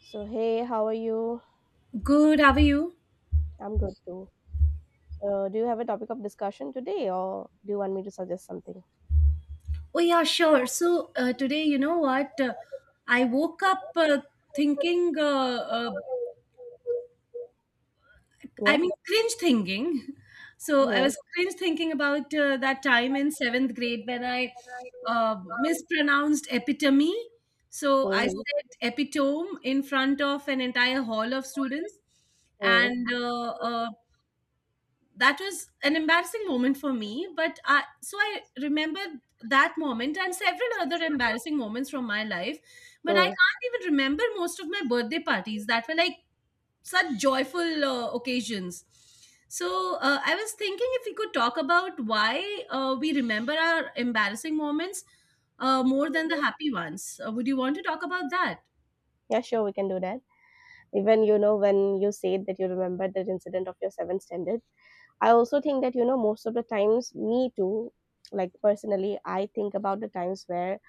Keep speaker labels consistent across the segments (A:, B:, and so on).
A: So, hey, how are you?
B: Good, how are you?
A: I'm good too. So, do you have a topic of discussion today, or do you want me to suggest something?
B: Oh, yeah, sure. So, today, you know what? I woke up thinking,
A: Yeah.
B: cringe thinking. So, I
A: Hmm.
B: was cringe thinking about that time in seventh grade when I mispronounced epitome. So, I
A: Hmm.
B: said epitome in front of an entire hall of students.
A: Hmm.
B: And that was an embarrassing moment for me, but I remember that moment and several other embarrassing moments from my life, but I
A: Hmm.
B: can't even remember most of my birthday parties that were like such joyful occasions. So, I was thinking if we could talk about why we remember our embarrassing moments more than the happy ones. Would you want to talk about that?
A: Yeah, sure, we can do that. Even, you know, when you said that you remember that incident of your seventh standard, I also think that, you know, most of the times, me too, like personally, I think about the times where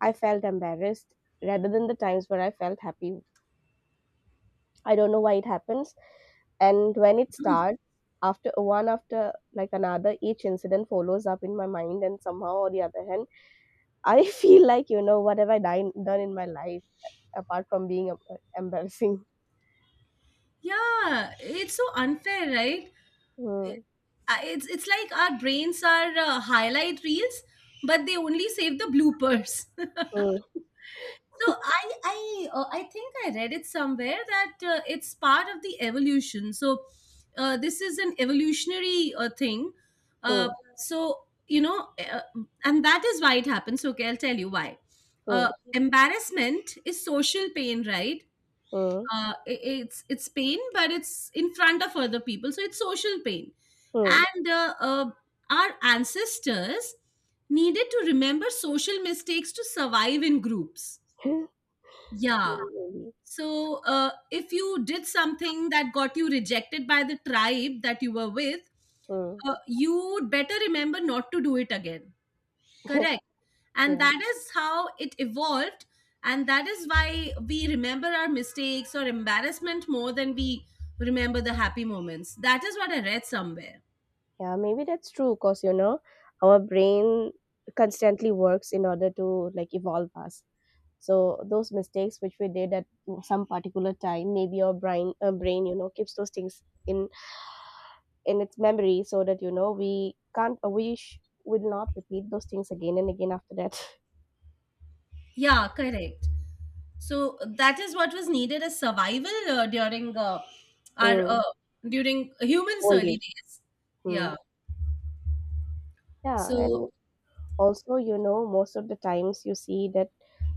A: I felt embarrassed rather than the times where I felt happy. I don't know why it happens. And when it starts, after one after like another, each incident follows up in my mind, and somehow or the other hand, I feel like, you know, what have I done in my life apart from being embarrassing.
B: Yeah, it's so unfair, right?
A: Hmm.
B: It's like our brains are highlight reels, but they only save the bloopers.
A: Hmm.
B: So I I I think I read it somewhere that it's part of the evolution. So this is an evolutionary thing. Uh,
A: Hmm.
B: so you know, uh, and that is why it happens. So, okay, I'll tell you why.
A: Hmm.
B: Embarrassment is social pain, right?
A: Hmm.
B: It's pain, but it's in front of other people, so it's social pain.
A: Hmm.
B: And our ancestors needed to remember social mistakes to survive in groups. Yeah,
A: Yeah, maybe.
B: so if you did something that got you rejected by the tribe that you were with,
A: Hmm.
B: you would better remember not to do it again. Correct, and
A: Yeah,
B: that is how it evolved, and that is why we remember our mistakes or embarrassment more than we remember the happy moments. That is what I read somewhere.
A: yeah, maybe that's true. Cause, you know, our brain constantly works in order to like evolve us. So those mistakes which we did at some particular time, maybe our brain, you know, keeps those things in in its memory so that, you know, we can't we sh- will not repeat those things again and again after that.
B: Yeah, correct. So that is what was needed as survival during our
A: Mm.
B: during humans
A: Old
B: early
A: age.
B: days.
A: Mm.
B: Yeah.
A: Yeah,
B: So
A: and also, you know, most of the times you see that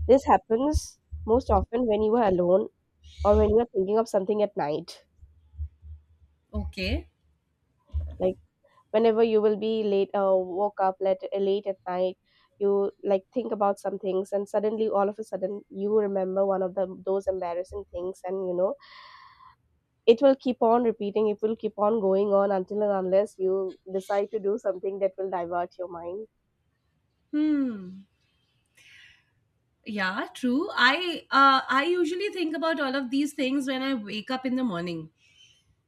A: this happens most often when you are alone, or when you are thinking of something at night.
B: okay.
A: Like whenever you will be late woke up late, late at night, you like think about some things, and suddenly all of a sudden you remember one of the those embarrassing things, and you know it will keep on repeating, it will keep on going on until and unless you decide to do something that will divert your mind.
B: Hmm, yeah, true. I usually think about all of these things when I wake up in the morning.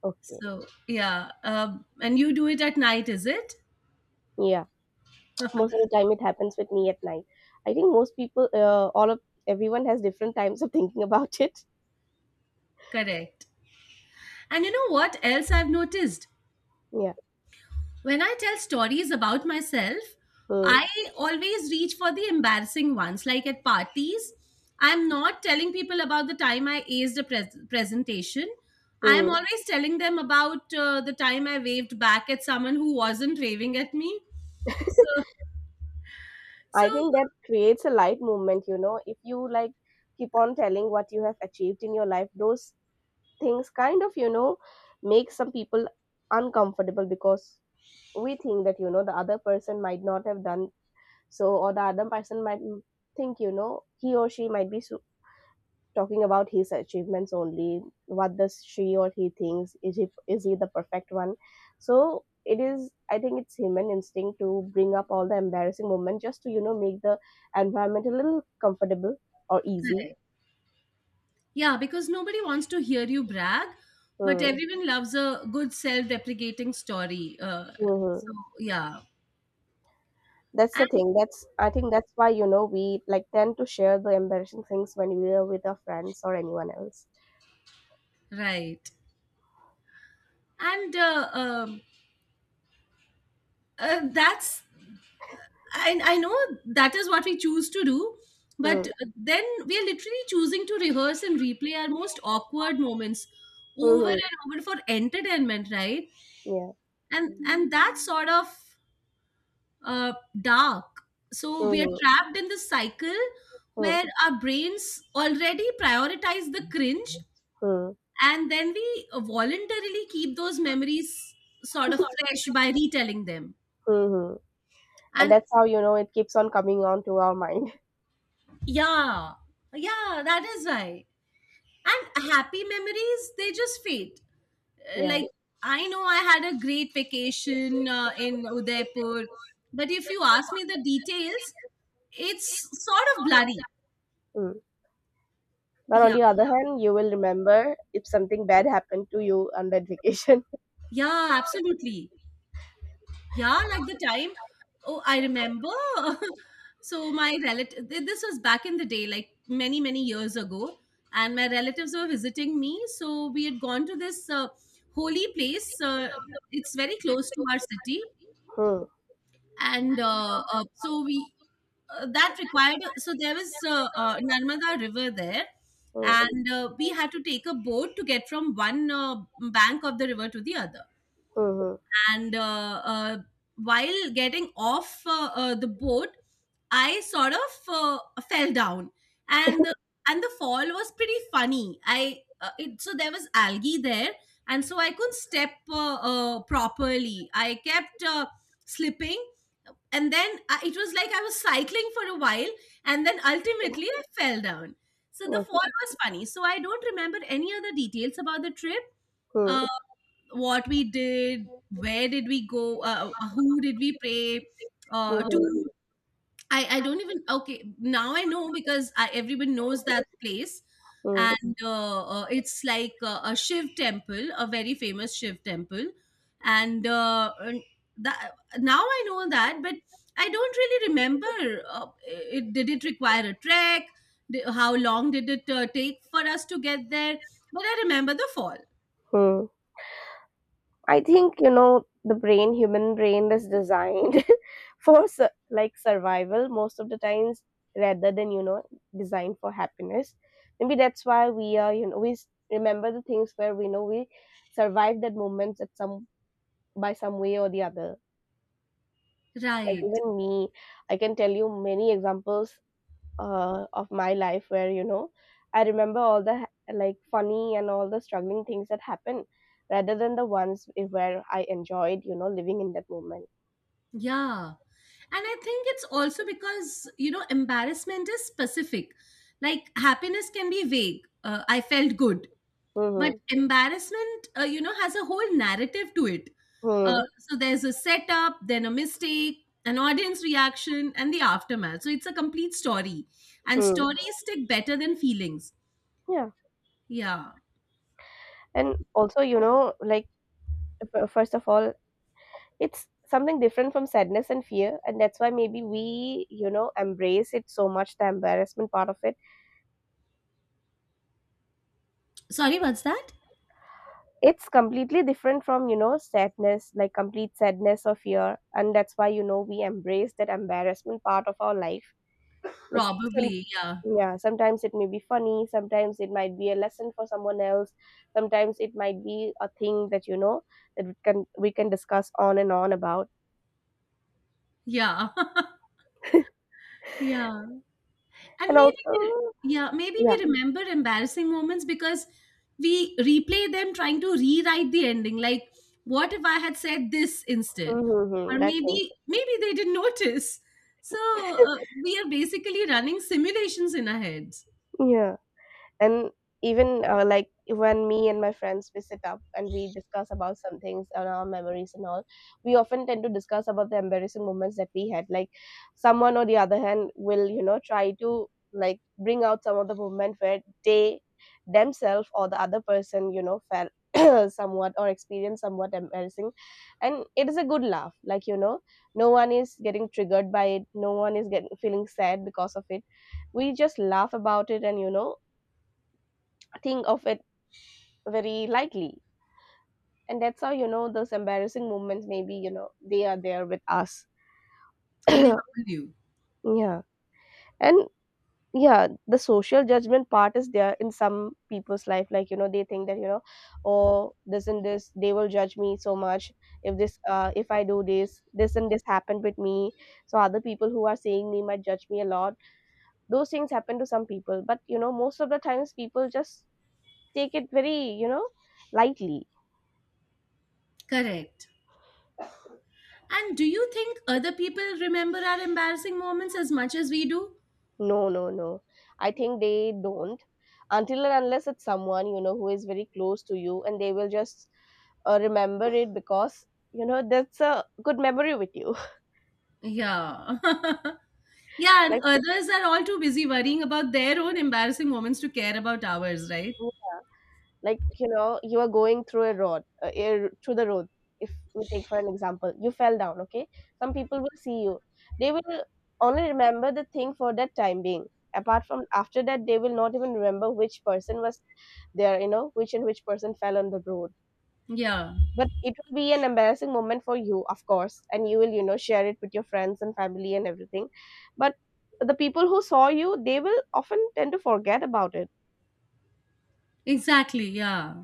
A: Okay.
B: So, yeah. And you do it at night, is it?
A: Yeah, most of the time it happens with me at night. I think most people, all of everyone has different times of thinking about it.
B: Correct. And you know what else I've noticed?
A: Yeah.
B: When I tell stories about myself,
A: Mm.
B: I always reach for the embarrassing ones. Like at parties, I'm not telling people about the time I aced a presentation. I'm
A: Mm.
B: always telling them about the time I waved back at someone who wasn't waving at me. So, so,
A: I think that creates a light movement, you know. If you like keep on telling what you have achieved in your life, those things kind of, you know, make some people uncomfortable, because we think that, you know, the other person might not have done so, or the other person might think, you know, he or she might be so talking about his achievements only. What does she or he thinks? Is he is he the perfect one? So it is, I think it's human instinct to bring up all the embarrassing moments just to, you know, make the environment a little comfortable or easy.
B: yeah, because nobody wants to hear you brag, but true.
A: Hmm.
B: Everyone loves a good self-deprecating story. So
A: Mm-hmm.
B: yeah,
A: That's the
B: and
A: thing. That's I think that's why, you know, we like tend to share the embarrassing things when we are with our friends or anyone else.
B: right, and that's I know that is what we choose to do, but
A: Hmm.
B: then we are literally choosing to rehearse and replay our most awkward moments over
A: Mm-hmm.
B: and over for entertainment, right?
A: Yeah.
B: And that sort of uh, dark. So we are
A: Mm-hmm.
B: trapped in this cycle where our brains already prioritize the cringe,
A: Mm-hmm.
B: and then we voluntarily keep those memories sort of fresh by retelling them.
A: Mm-hmm. And
B: And
A: that's how, you know, it keeps on coming on to our mind.
B: yeah, yeah, that is why. And happy memories, they just fade.
A: Yeah.
B: Like, I know I had a great vacation in Udaipur, but if you ask me the details, it's sort of bloody.
A: Mm. But on
B: Yeah.
A: the other hand, you will remember if something bad happened to you on that vacation.
B: Yeah, absolutely. Yeah, like the time. Oh, I remember. So my relative, this was back in the day, like many many years ago, and my relatives were visiting me. So we had gone to this holy place. It's very close to our city,
A: Hmm.
B: and so we that required. So there was Narmada River there.
A: Hmm.
B: And we had to take a boat to get from one bank of the river to the other,
A: Hmm.
B: and while getting off the boat, I sort of fell down. And and the fall was pretty funny. So there was algae there, and so I couldn't step properly. I kept slipping, and then it was like I was cycling for a while, and then ultimately I fell down. So
A: Hmm.
B: the fall
A: Okay.
B: was funny, so I don't remember any other details about the trip:
A: Hmm.
B: uh, what we did, where did we go, who did we pray
A: Hmm. Hmm.
B: to. I don't even, okay, now I know because everyone knows that place.
A: Hmm.
B: And It's like a Shiv temple, a very famous Shiv temple. And that, now I know that, but I don't really remember. Did it require a trek? How long did it take for us to get there? But I remember the fall.
A: Hmm. I think, you know, the brain, human brain, is designed for like survival most of the times, rather than, you know, designed for happiness. Maybe that's why we are you know, remember the things where we know we survived that moments at some, by some way or the other. Like
B: Right.
A: even me, I can tell you many examples of my life where, you know, I remember all the like funny and all the struggling things that happen, rather than the ones where I enjoyed, you know, living in that moment.
B: Yeah. And I think it's also because, you know, embarrassment is specific. Like happiness can be vague. I felt good. But
A: Hmm.
B: embarrassment, you know, has a whole narrative to it.
A: Hmm.
B: So there's a setup, then a mistake, an audience reaction, and the aftermath. So it's a complete story. And
A: Hmm.
B: stories stick better than feelings.
A: Yeah,
B: Yeah.
A: and also, you know, like first of all, it's something different from sadness and fear, and that's why maybe we, you know, embrace it so much, the embarrassment part of it.
B: Sorry, what's that?
A: It's completely different from, you know, sadness, like complete sadness or fear, and that's why, you know, we embrace that embarrassment part of our life. Like some,
B: Probably. Yeah.
A: yeah, sometimes it may be funny, sometimes it might be a lesson for someone else, sometimes it might be a thing that, you know, that we can discuss on and on about.
B: Yeah. Yeah. And
A: And
B: maybe we,
A: also,
B: yeah, maybe
A: yeah.
B: we remember embarrassing moments because we replay them trying to rewrite the ending. Like, what if I had said this instead?
A: Mm-hmm, mm-hmm,
B: Or
A: that thing.
B: maybe maybe they didn't notice. So we are basically running simulations in our heads,
A: Yeah, and even like when me and my friends we sit up and we discuss about some things and our memories and all, we often tend to discuss about the embarrassing moments that we had, like someone or the other hand will, you know, try to like bring out some of the moment where they themselves or the other person, you know, felt somewhat or experienced somewhat embarrassing. And it is a good laugh, like, you know, no one is getting triggered by it, no one is getting feeling sad because of it. We just laugh about it and, you know, think of it very lightly. And that's how, you know, those embarrassing moments maybe, you know, they are there with us.
B: and they humble you.
A: Yeah. And yeah, the social judgment part is there in some people's life. Like, you know, they think that, you know, oh, this and this, they will judge me so much if I do this, this and this happened with me. So other people who are seeing me might judge me a lot. Those things happen to some people. But, you know, most of the times people just take it very, you know, lightly.
B: Correct. And do you think other people remember our embarrassing moments as much as we do?
A: No, no, no. I think they don't, until and unless it's someone, you know, who is very close to you, and they will just remember it because, you know, that's a good memory with you.
B: Yeah. Yeah, and
A: Like,
B: others are all too busy worrying about their own embarrassing moments to care about ours, right?
A: yeah, like, you know, you are going through a road, through the road. If we take for an example, you fell down. Okay, some people will see you. They will only remember the thing for that time being. Apart from after that, they will not even remember which person was there. You know, which and which person fell on the road.
B: Yeah,
A: But it will be an embarrassing moment for you, of course, and you will, you know, share it with your friends and family and everything. But the people who saw you, they will often tend to forget about it.
B: exactly. Yeah.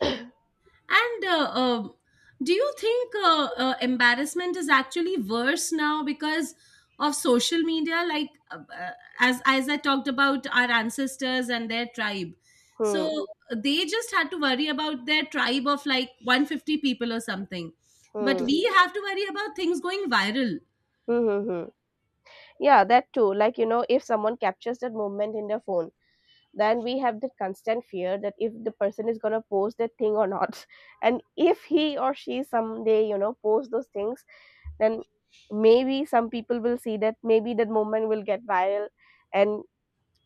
B: And do you think embarrassment is actually worse now because of social media? Like, as I talked about our ancestors and their tribe.
A: Hmm, hmm,
B: So they just had to worry about their tribe of like 150 people or something. But we have to worry about things going viral.
A: hmm, hmm, hmm. Yeah, that too. Like, you know, if someone captures that moment in their phone, then we have that constant fear that if the person is gonna post that thing or not. And if he or she someday, you know, posts those things, then maybe some people will see that, maybe that moment will get viral. And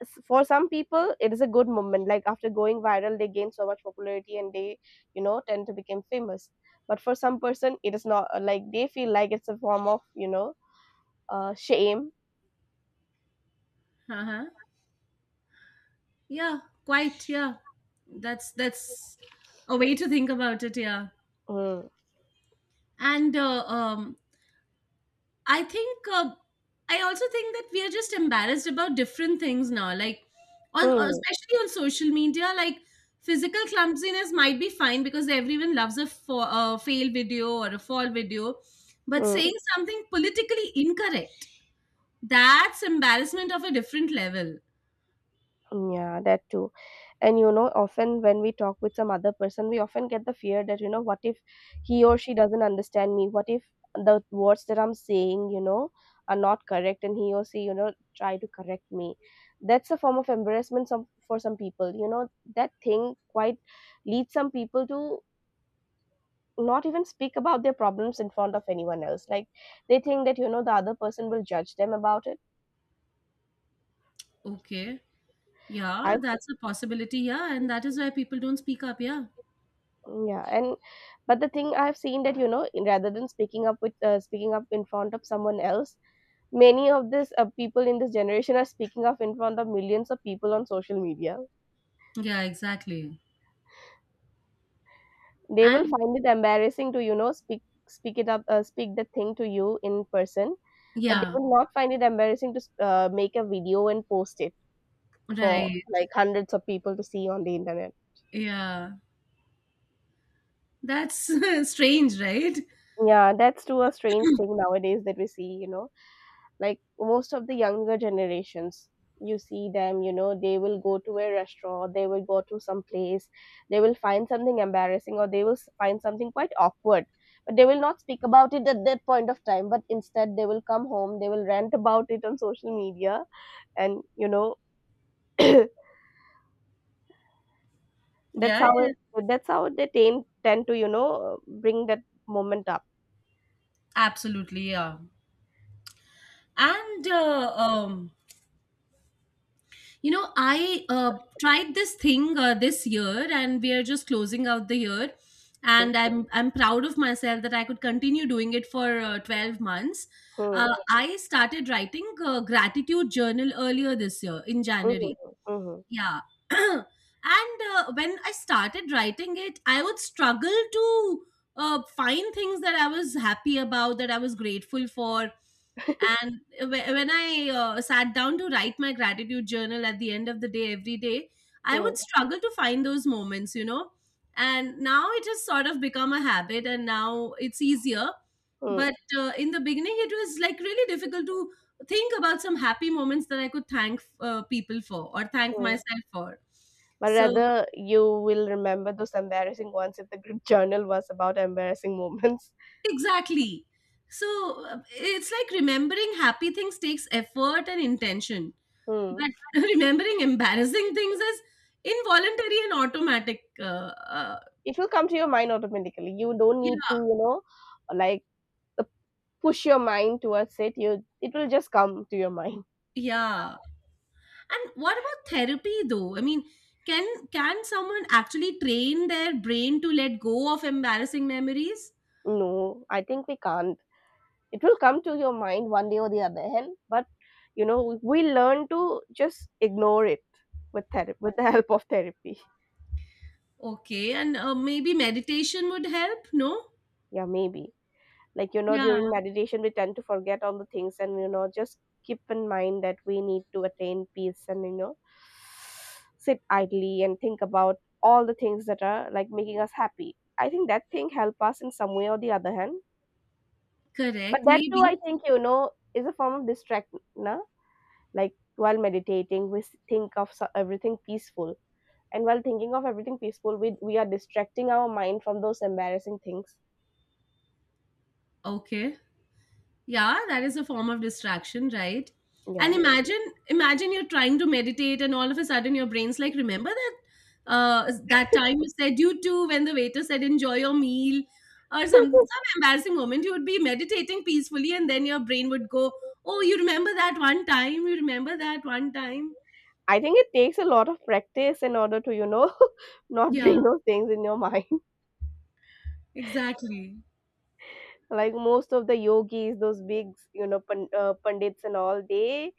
A: for some people it is a good moment, like after going viral they gain so much popularity and they, you know, tend to become famous. But for some person it is not, like they feel like it's a form of, you know, shame.
B: Uh-huh. Yeah, quite. Yeah. That's a way to think about it. Yeah.
A: Mm.
B: and I think I also think that we are just embarrassed about different things now. Like on
A: Hmm.
B: especially on social media, like physical clumsiness might be fine because everyone loves a fail video or a fall video, but
A: Mm.
B: saying something politically incorrect, that's embarrassment of a different level.
A: Yeah, that too. And you know, often when we talk with some other person, we often get the fear that, you know, what if he or she doesn't understand me? What if the words that I'm saying, you know, are not correct and he or she, you know, try to correct me? That's a form of embarrassment for some people. You know, that thing quite leads some people to not even speak about their problems in front of anyone else. Like they think that, you know, the other person will judge them about it.
B: Okay, yeah,
A: I've
B: that's a possibility. Yeah, and that is why people don't speak up. Yeah,
A: Yeah, and but the thing I've seen that, you know, rather than speaking up with, speaking up in front of someone else, many of this people in this generation are speaking up in front of millions of people on social media.
B: yeah, exactly.
A: They will
B: And
A: find it embarrassing to, you know, speak it up, speak the thing to you in person, but they
B: yeah,
A: will not find it embarrassing to make a video and post it for
B: right.
A: like hundreds of people to see on the internet.
B: Yeah. That's strange, right?
A: Yeah, that's too a strange thing nowadays that we see, you know. Like most of the younger generations, you see them, you know, they will go to a restaurant, they will go to some place, they will find something embarrassing or they will find something quite awkward, but they will not speak about it at that point of time. But instead they will come home, they will rant about it on social media, and you know, that's
B: Yeah, yeah,
A: how that's how they tend to, you know, bring that moment up.
B: absolutely. Yeah. And, uh, um, you know, I tried this thing this year, and we are just closing out the year. And I'm proud of myself that I could continue doing it for 12 months.
A: Hmm,
B: I started writing a gratitude journal earlier this year in
A: hmm,
B: January.
A: hmm, hmm,
B: Yeah. And when I started writing it, I would struggle to find things that I was happy about, that I was grateful for. And when I sat down to write my gratitude journal at the end of the day, every day, I
A: hmm,
B: would struggle to find those moments, you know. And now it has sort of become a habit, and now it's easier.
A: hmm, hmm,
B: But in the beginning, it was like really difficult to think about some happy moments that I could thank people for or thank
A: hmm.
B: myself for.
A: But
B: So,
A: rather you will remember those embarrassing ones if the group journal was about embarrassing moments.
B: exactly. So, it's like remembering happy things takes effort and intention,
A: Hmm.
B: but remembering embarrassing things is involuntary and automatic. Uh,
A: It will come to your mind automatically. You don't need to,
B: yeah,
A: you know, like uh, push your mind towards it. You it will just come to your mind.
B: yeah. And what about therapy, though? I mean, can someone actually train their brain to let go of embarrassing memories?
A: No, I think we can't. It will come to your mind one day or the other hand, but you know, we learn to just ignore it with therapy, with the help of therapy.
B: Okay, and maybe meditation would help. No?
A: Yeah, maybe. Like you know,
B: Yeah,
A: during meditation we tend to forget all the things and you know just keep in mind that we need to attain peace, and you know sit idly and think about all the things that are like making us happy. I think that thing help us in some way or the other hand. But
B: correct.
A: that too, I
B: Maybe.
A: think, you know, is a form of distract, na? Like while meditating we think of everything peaceful, and while thinking of everything peaceful, we are distracting our mind from those embarrassing things.
B: Okay. Yeah, that is a form of distraction, right? And
A: Yeah.
B: imagine imagine you're trying to meditate and all of a sudden your brain's like, remember that that time you said you too when the waiter said enjoy your meal, or some embarrassing moment. You would be meditating peacefully and then your brain would go, oh, you remember that one time, you remember that one time.
A: I think it takes a lot of practice in order to, you know, not
B: Yeah,
A: bring those things in your mind.
B: exactly.
A: Like most of the yogis, those big, you know, pandits and all, they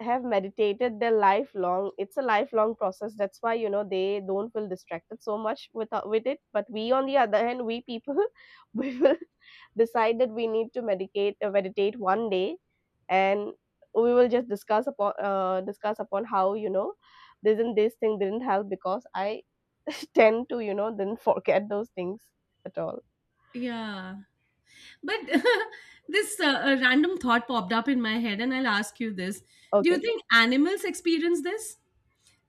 A: have meditated their lifelong. It's a lifelong process. That's why you know they don't feel distracted so much with it. But we, on the other hand, we people, we will decide that we need to medicate meditate one day, and we will just discuss upon how you know this and this thing didn't help, because I tend to you know then forget those things at all.
B: Yeah, but this a random thought popped up in my head and I'll ask you this. Do you
A: Okay.
B: think animals experience this?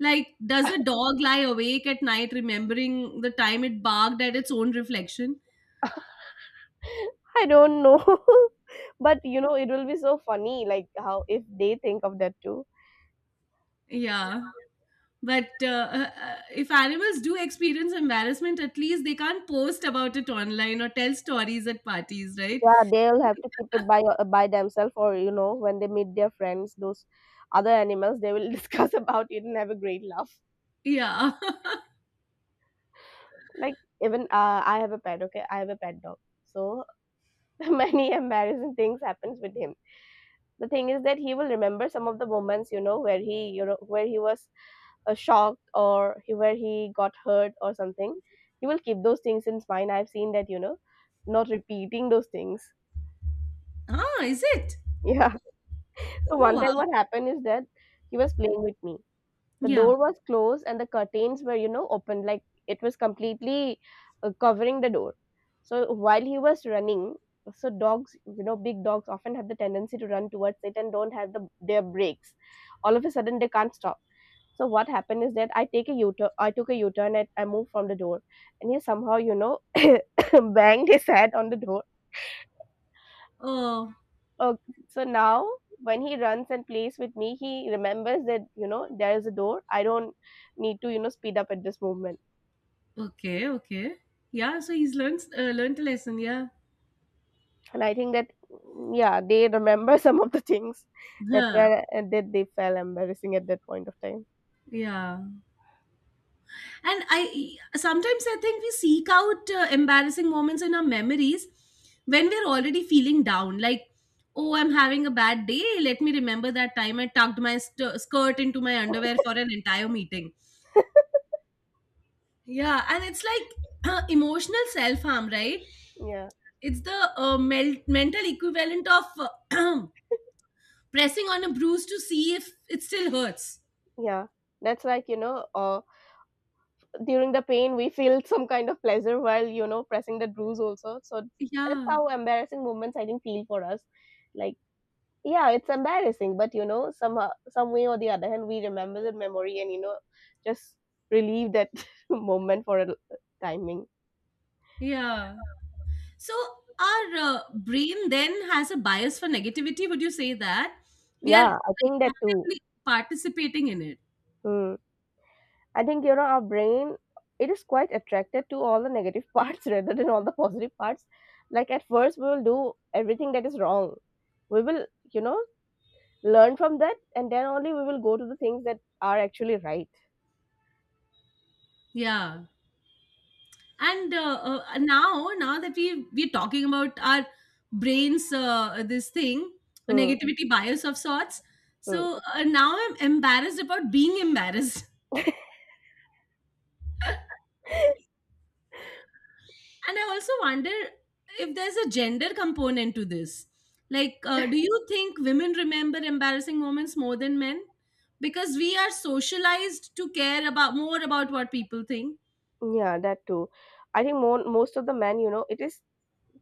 B: Like, does a dog lie awake at night remembering the time it barked at its own reflection?
A: I don't know, but you know it will be so funny, like how if they think of that too.
B: Yeah. But if animals do experience embarrassment, at least they can't post about it online or tell stories at parties, right?
A: Yeah, they'll have to keep it by themselves, or you know, when they meet their friends, those other animals, they will discuss about it and have a great laugh.
B: Yeah.
A: Like even I have a pet, okay? I have a pet dog. So many embarrassing things happens with him. The thing is that he will remember some of the moments, you know, where he you know where he was shocked, or he, where he got hurt or something. He will keep those things in mind. I've seen that, you know, not repeating those things.
B: Ah, is it?
A: yeah. So
B: Oh,
A: one
B: wow.
A: time what happened is that he was playing with me. The
B: Yeah.
A: door was closed and the curtains were, you know, open, like it was completely covering the door. So while he was running, so dogs, you know, big dogs often have the tendency to run towards it and don't have the their brakes. All of a sudden, they can't stop. So what happened is that I take a U-turn. I took a U-turn and I moved from the door, and he somehow, you know, banged his head on the door.
B: Oh,
A: Oh, so now when he runs and plays with me, he remembers that, you know, there is a door. I don't need to, you know, speed up at this moment.
B: okay, okay. Yeah, so he's learned learned a lesson, yeah.
A: And I think that, yeah, they remember some of the things that
B: Huh.
A: were that they felt embarrassing at that point of time.
B: Yeah. and I sometimes I think we seek out embarrassing moments in our memories when we're already feeling down like, oh, I'm having a bad day, let me remember that time I tucked my skirt into my underwear for an entire meeting. Yeah, and it's like emotional self harm, right?
A: Yeah,
B: It's the mental equivalent of pressing on a bruise to see if it still hurts.
A: yeah. That's like, you know, during the pain, we feel some kind of pleasure while, you know, pressing the bruise also. So that's
B: Yeah.
A: how embarrassing moments I think feel for us. Like, yeah, it's embarrassing, but you know somehow, some way or the other hand, we remember the memory and you know just relieve that moment for a timing.
B: Yeah. So our brain then has a bias for negativity. Would you say that we are,
A: Yeah, I
B: like,
A: think that too.
B: actively participating in it?
A: Hmm. I think, you know, our brain, it is quite attracted to all the negative parts rather than all the positive parts. Like at first we will do everything that is wrong. We will, you know, learn from that, and then only we will go to the things that are actually right.
B: Yeah. And now, now that we're talking about our brains, this thing, a
A: Hmm.
B: negativity bias of sorts.
A: Hmm.
B: So now I'm embarrassed about being embarrassed. And I also wonder if there's a gender component to this, like do you think women remember embarrassing moments more than men because we are socialized to care about more about what people think.
A: Yeah, that too. I think more, most of the men, you know, it is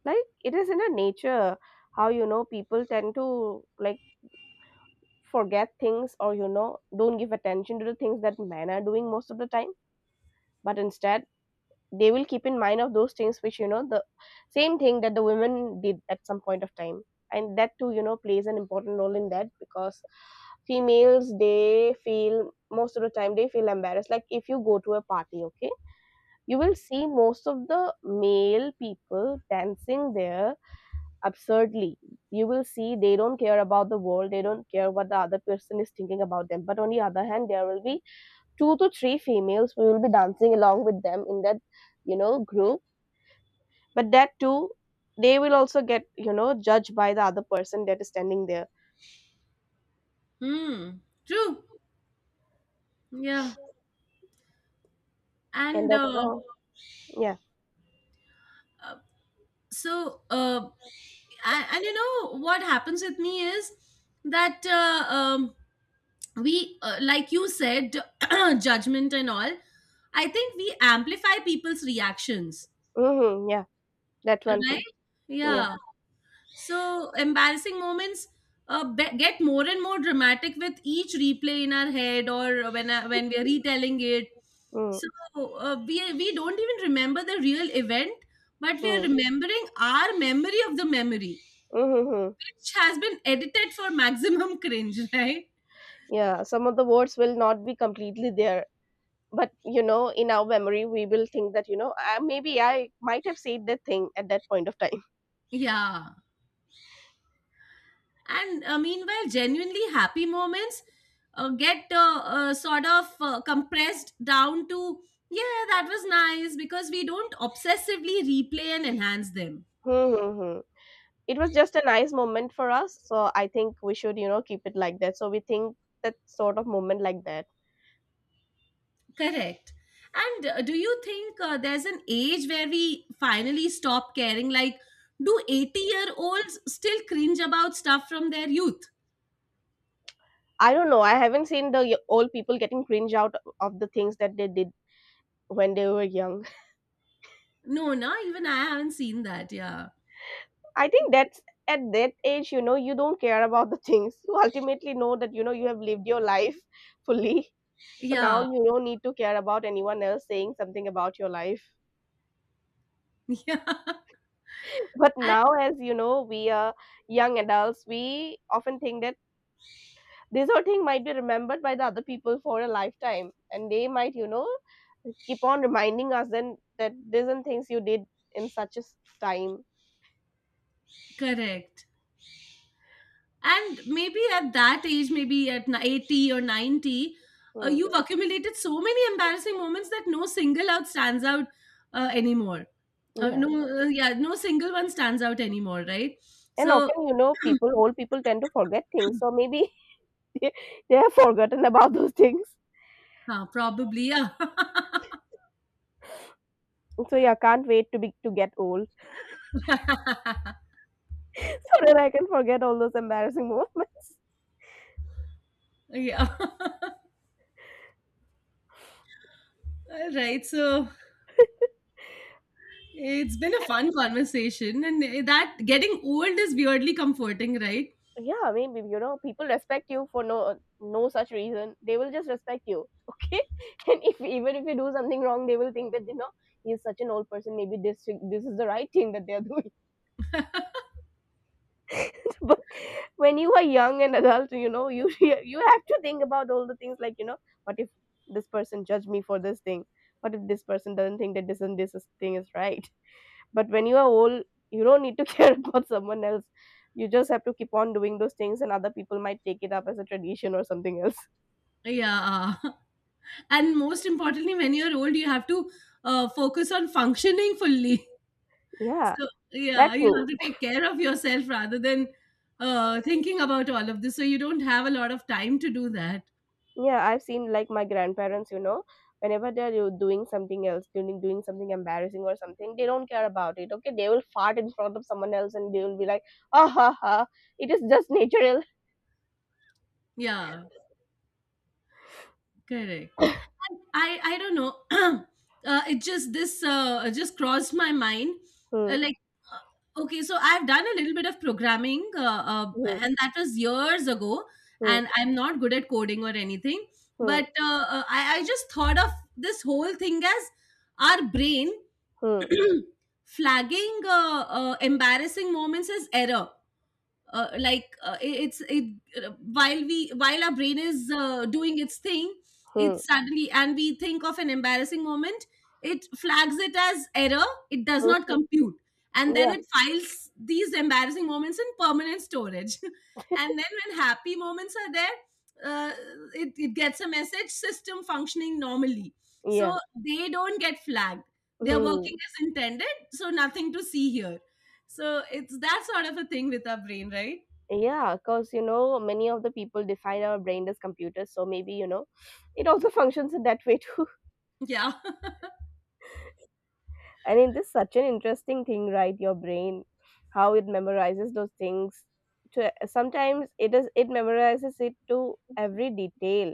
A: like it is in a nature. How you know people tend to like forget things, or you know don't give attention to the things that men are doing most of the time, but instead they will keep in mind of those things which you know the same thing that the women did at some point of time. And that too, you know, plays an important role in that, because females, they feel most of the time they feel embarrassed. Like if you go to a party, okay, you will see most of the male people dancing there absurdly. You will see they don't care about the world, they don't care what the other person is thinking about them. But on the other hand, there will be two to three females who will be dancing along with them in that, you know, group. But that too, they will also get you know judged by the other person that is standing there.
B: Hmm. True. Yeah.
A: And
B: And
A: that's all. Yeah.
B: uh, so and you know what happens with me is that we like you said, judgment and all, I think we amplify people's reactions,
A: Hmm. Yeah, that one too.
B: right?
A: Yeah.
B: Yeah. So embarrassing moments get more and more dramatic with each replay in our head, or when we are retelling it.
A: Mm-hmm.
B: So we don't even remember the real event, but we are
A: Mm-hmm.
B: remembering our memory of the memory,
A: Mm-hmm.
B: which has been edited for maximum cringe, right?
A: Yeah, some of the words will not be completely there, but you know in our memory we will think that you know maybe I might have said that thing at that point of time.
B: Yeah. And meanwhile genuinely happy moments get sort of compressed down to, yeah, that was nice, because we don't obsessively replay and enhance them.
A: Hmm, hmm, hmm. It was just a nice moment for us, so I think we should you know keep it like that, so we think that sort of moment like that.
B: Correct. And do you think there's an age where we finally stop caring, like, do 80-year-olds still cringe about stuff from their youth?
A: I don't know, I haven't seen the old people getting cringe out of the things that they did when they were young.
B: No, no, even I haven't seen that. Yeah.
A: I think that's, at that age you know you don't care about the things. You ultimately know that you know you have lived your life fully, so now
B: Yeah.
A: you don't need to care about anyone else saying something about your life.
B: Yeah.
A: But
B: And
A: now as you know, we are young adults, we often think that this whole thing might be remembered by the other people for a lifetime, and they might, you know, keep on reminding us then that these are things you did in such a time.
B: correct. And maybe at that age, maybe at 80 or 90,
A: Hmm.
B: you've accumulated so many embarrassing moments that no single out stands out anymore.
A: Yeah.
B: No, yeah, no single one stands out anymore, right?
A: And
B: So,
A: often you know people, old people tend to forget things, so maybe they, they have forgotten about those things.
B: huh, probably, yeah.
A: So yeah, can't wait to be to get old, so that I can forget all those embarrassing moments.
B: Yeah. All right. So, it's been a fun conversation. And that getting old is weirdly comforting, right?
A: Yeah, maybe you know people respect you for no such reason. They will just respect you, okay? And if even if you do something wrong, they will think that you know he's such an old person. Maybe this is the right thing that they are doing. but when you are young and adult, you know, you you have to think about all the things like you know, what if this person judge me for this thing? What if this person doesn't think that this and this thing is right? But when you are old, you don't need to care about someone else. You just have to keep on doing those things, and other people might take it up as a tradition or something else.
B: Yeah. And most importantly, when you're old, you have to focus on functioning fully.
A: Yeah,
B: So
A: that
B: yeah, you have
A: too.
B: to take care of yourself rather than thinking about all of this. So you don't have a lot of time to do that.
A: Yeah, I've seen like my grandparents, you know, whenever they're doing something else, doing something embarrassing or something, they don't care about it. Okay, they will fart in front of someone else, and they will be like, "Ah ha ha, it is just natural."
B: Yeah, correct. And I don't know. It just this just crossed my mind.
A: Hmm,
B: Like okay, so I've done a little bit of programming,
A: hmm,
B: and that was years ago.
A: hmm,
B: And I'm not good at coding or anything, but
A: hmm,
B: I just thought of this whole thing as our brain
A: hmm,
B: flagging embarrassing moments as error, like it, it's it while we while our brain is doing its thing, it
A: hmm,
B: suddenly, and we think of an embarrassing moment, it flags it as error, it does not
A: hmm.
B: compute. And then
A: Yeah,
B: it files these embarrassing moments in permanent storage, and then when happy moments are there, uh, it gets a message, system functioning normally, so
A: yeah.
B: they don't get flagged, they're
A: Hmm.
B: working as intended, so nothing to see here. So it's that sort of a thing with our brain, right?
A: Yeah, because you know, many of the people define our brain as computers, so maybe you know, it also functions in that way too.
B: Yeah.
A: And it is such an interesting thing, right? Your brain, how it memorizes those things. To sometimes it is it memorizes it to every detail.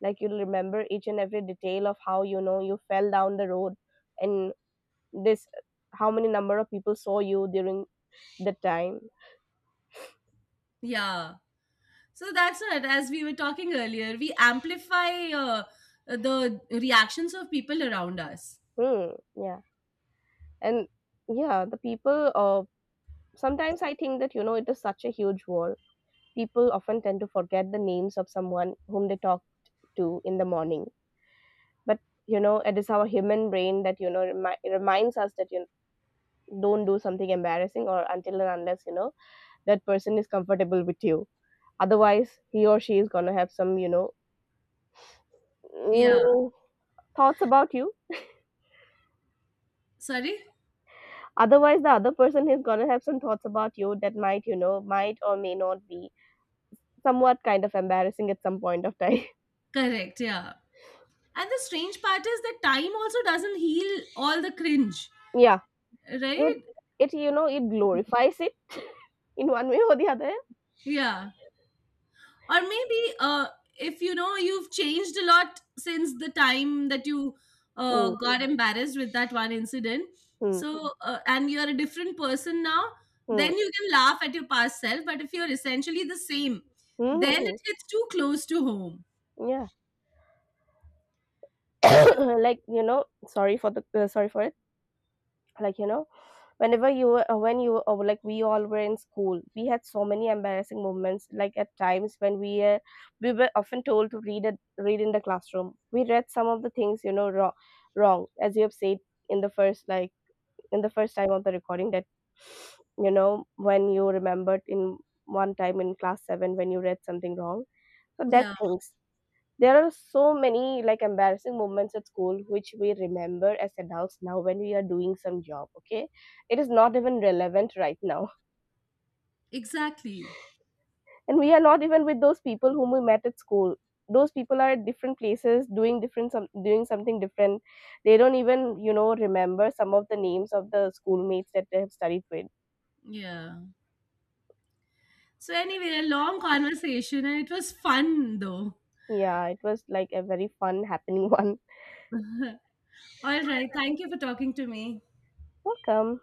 A: Like you'll remember each and every detail of how you know you fell down the road, and this, how many number of people saw you during the time.
B: Yeah. So that's it. As we were talking earlier, we amplify the reactions of people around us.
A: Hmm. Yeah. And yeah, the people sometimes I think that, you know, it is such a huge war. People often tend to forget the names of someone whom they talked to in the morning. But, you know, it is our human brain that, you know, reminds us that you don't do something embarrassing, or until and unless, you know, that person is comfortable with you. Otherwise, he or she is going to have some, you know,
B: Yeah.
A: mm, thoughts about you.
B: Sorry?
A: Otherwise, the other person is going to have some thoughts about you that might, you know, might or may not be somewhat kind of embarrassing at some point of time.
B: Correct. Yeah. And the strange part is that time also doesn't heal all the cringe,
A: yeah.
B: right?
A: It, you know, it glorifies it in one way or the other.
B: Yeah. Or maybe if you know you've changed a lot since the time that you
A: Hmm,
B: got embarrassed with that one incident,
A: hmm,
B: so and you're a different person now, then
A: hmm.
B: you can laugh at your past self. But if you're essentially the same,
A: Mhm,
B: then it
A: mhm.
B: hits too close to home.
A: Yeah.
B: So
A: Like, you know, sorry for the sorry for it. Like, you know, whenever you were when you were, like we all were in school, we had so many embarrassing moments. Like at times when we were often told to read in the classroom. We read some of the things, you know, wrong, wrong as you have said in the first, like in the first time of the recording, that you know when you remembered in one time in class 7 when you read something wrong. So that
B: yeah,
A: things, there are so many like embarrassing moments at school which we remember as adults now when we are doing some job. Okay, it is not even relevant right now.
B: exactly,
A: and we are not even with those people whom we met at school. Those people are at different places doing different, some doing something different. They don't even you know remember some of the names of the schoolmates that they have studied with.
B: yeah. So anyway, a long conversation, and it was fun though.
A: Yeah, it was like a very fun, happening one.
B: All right, thank you for talking to me.
A: Welcome.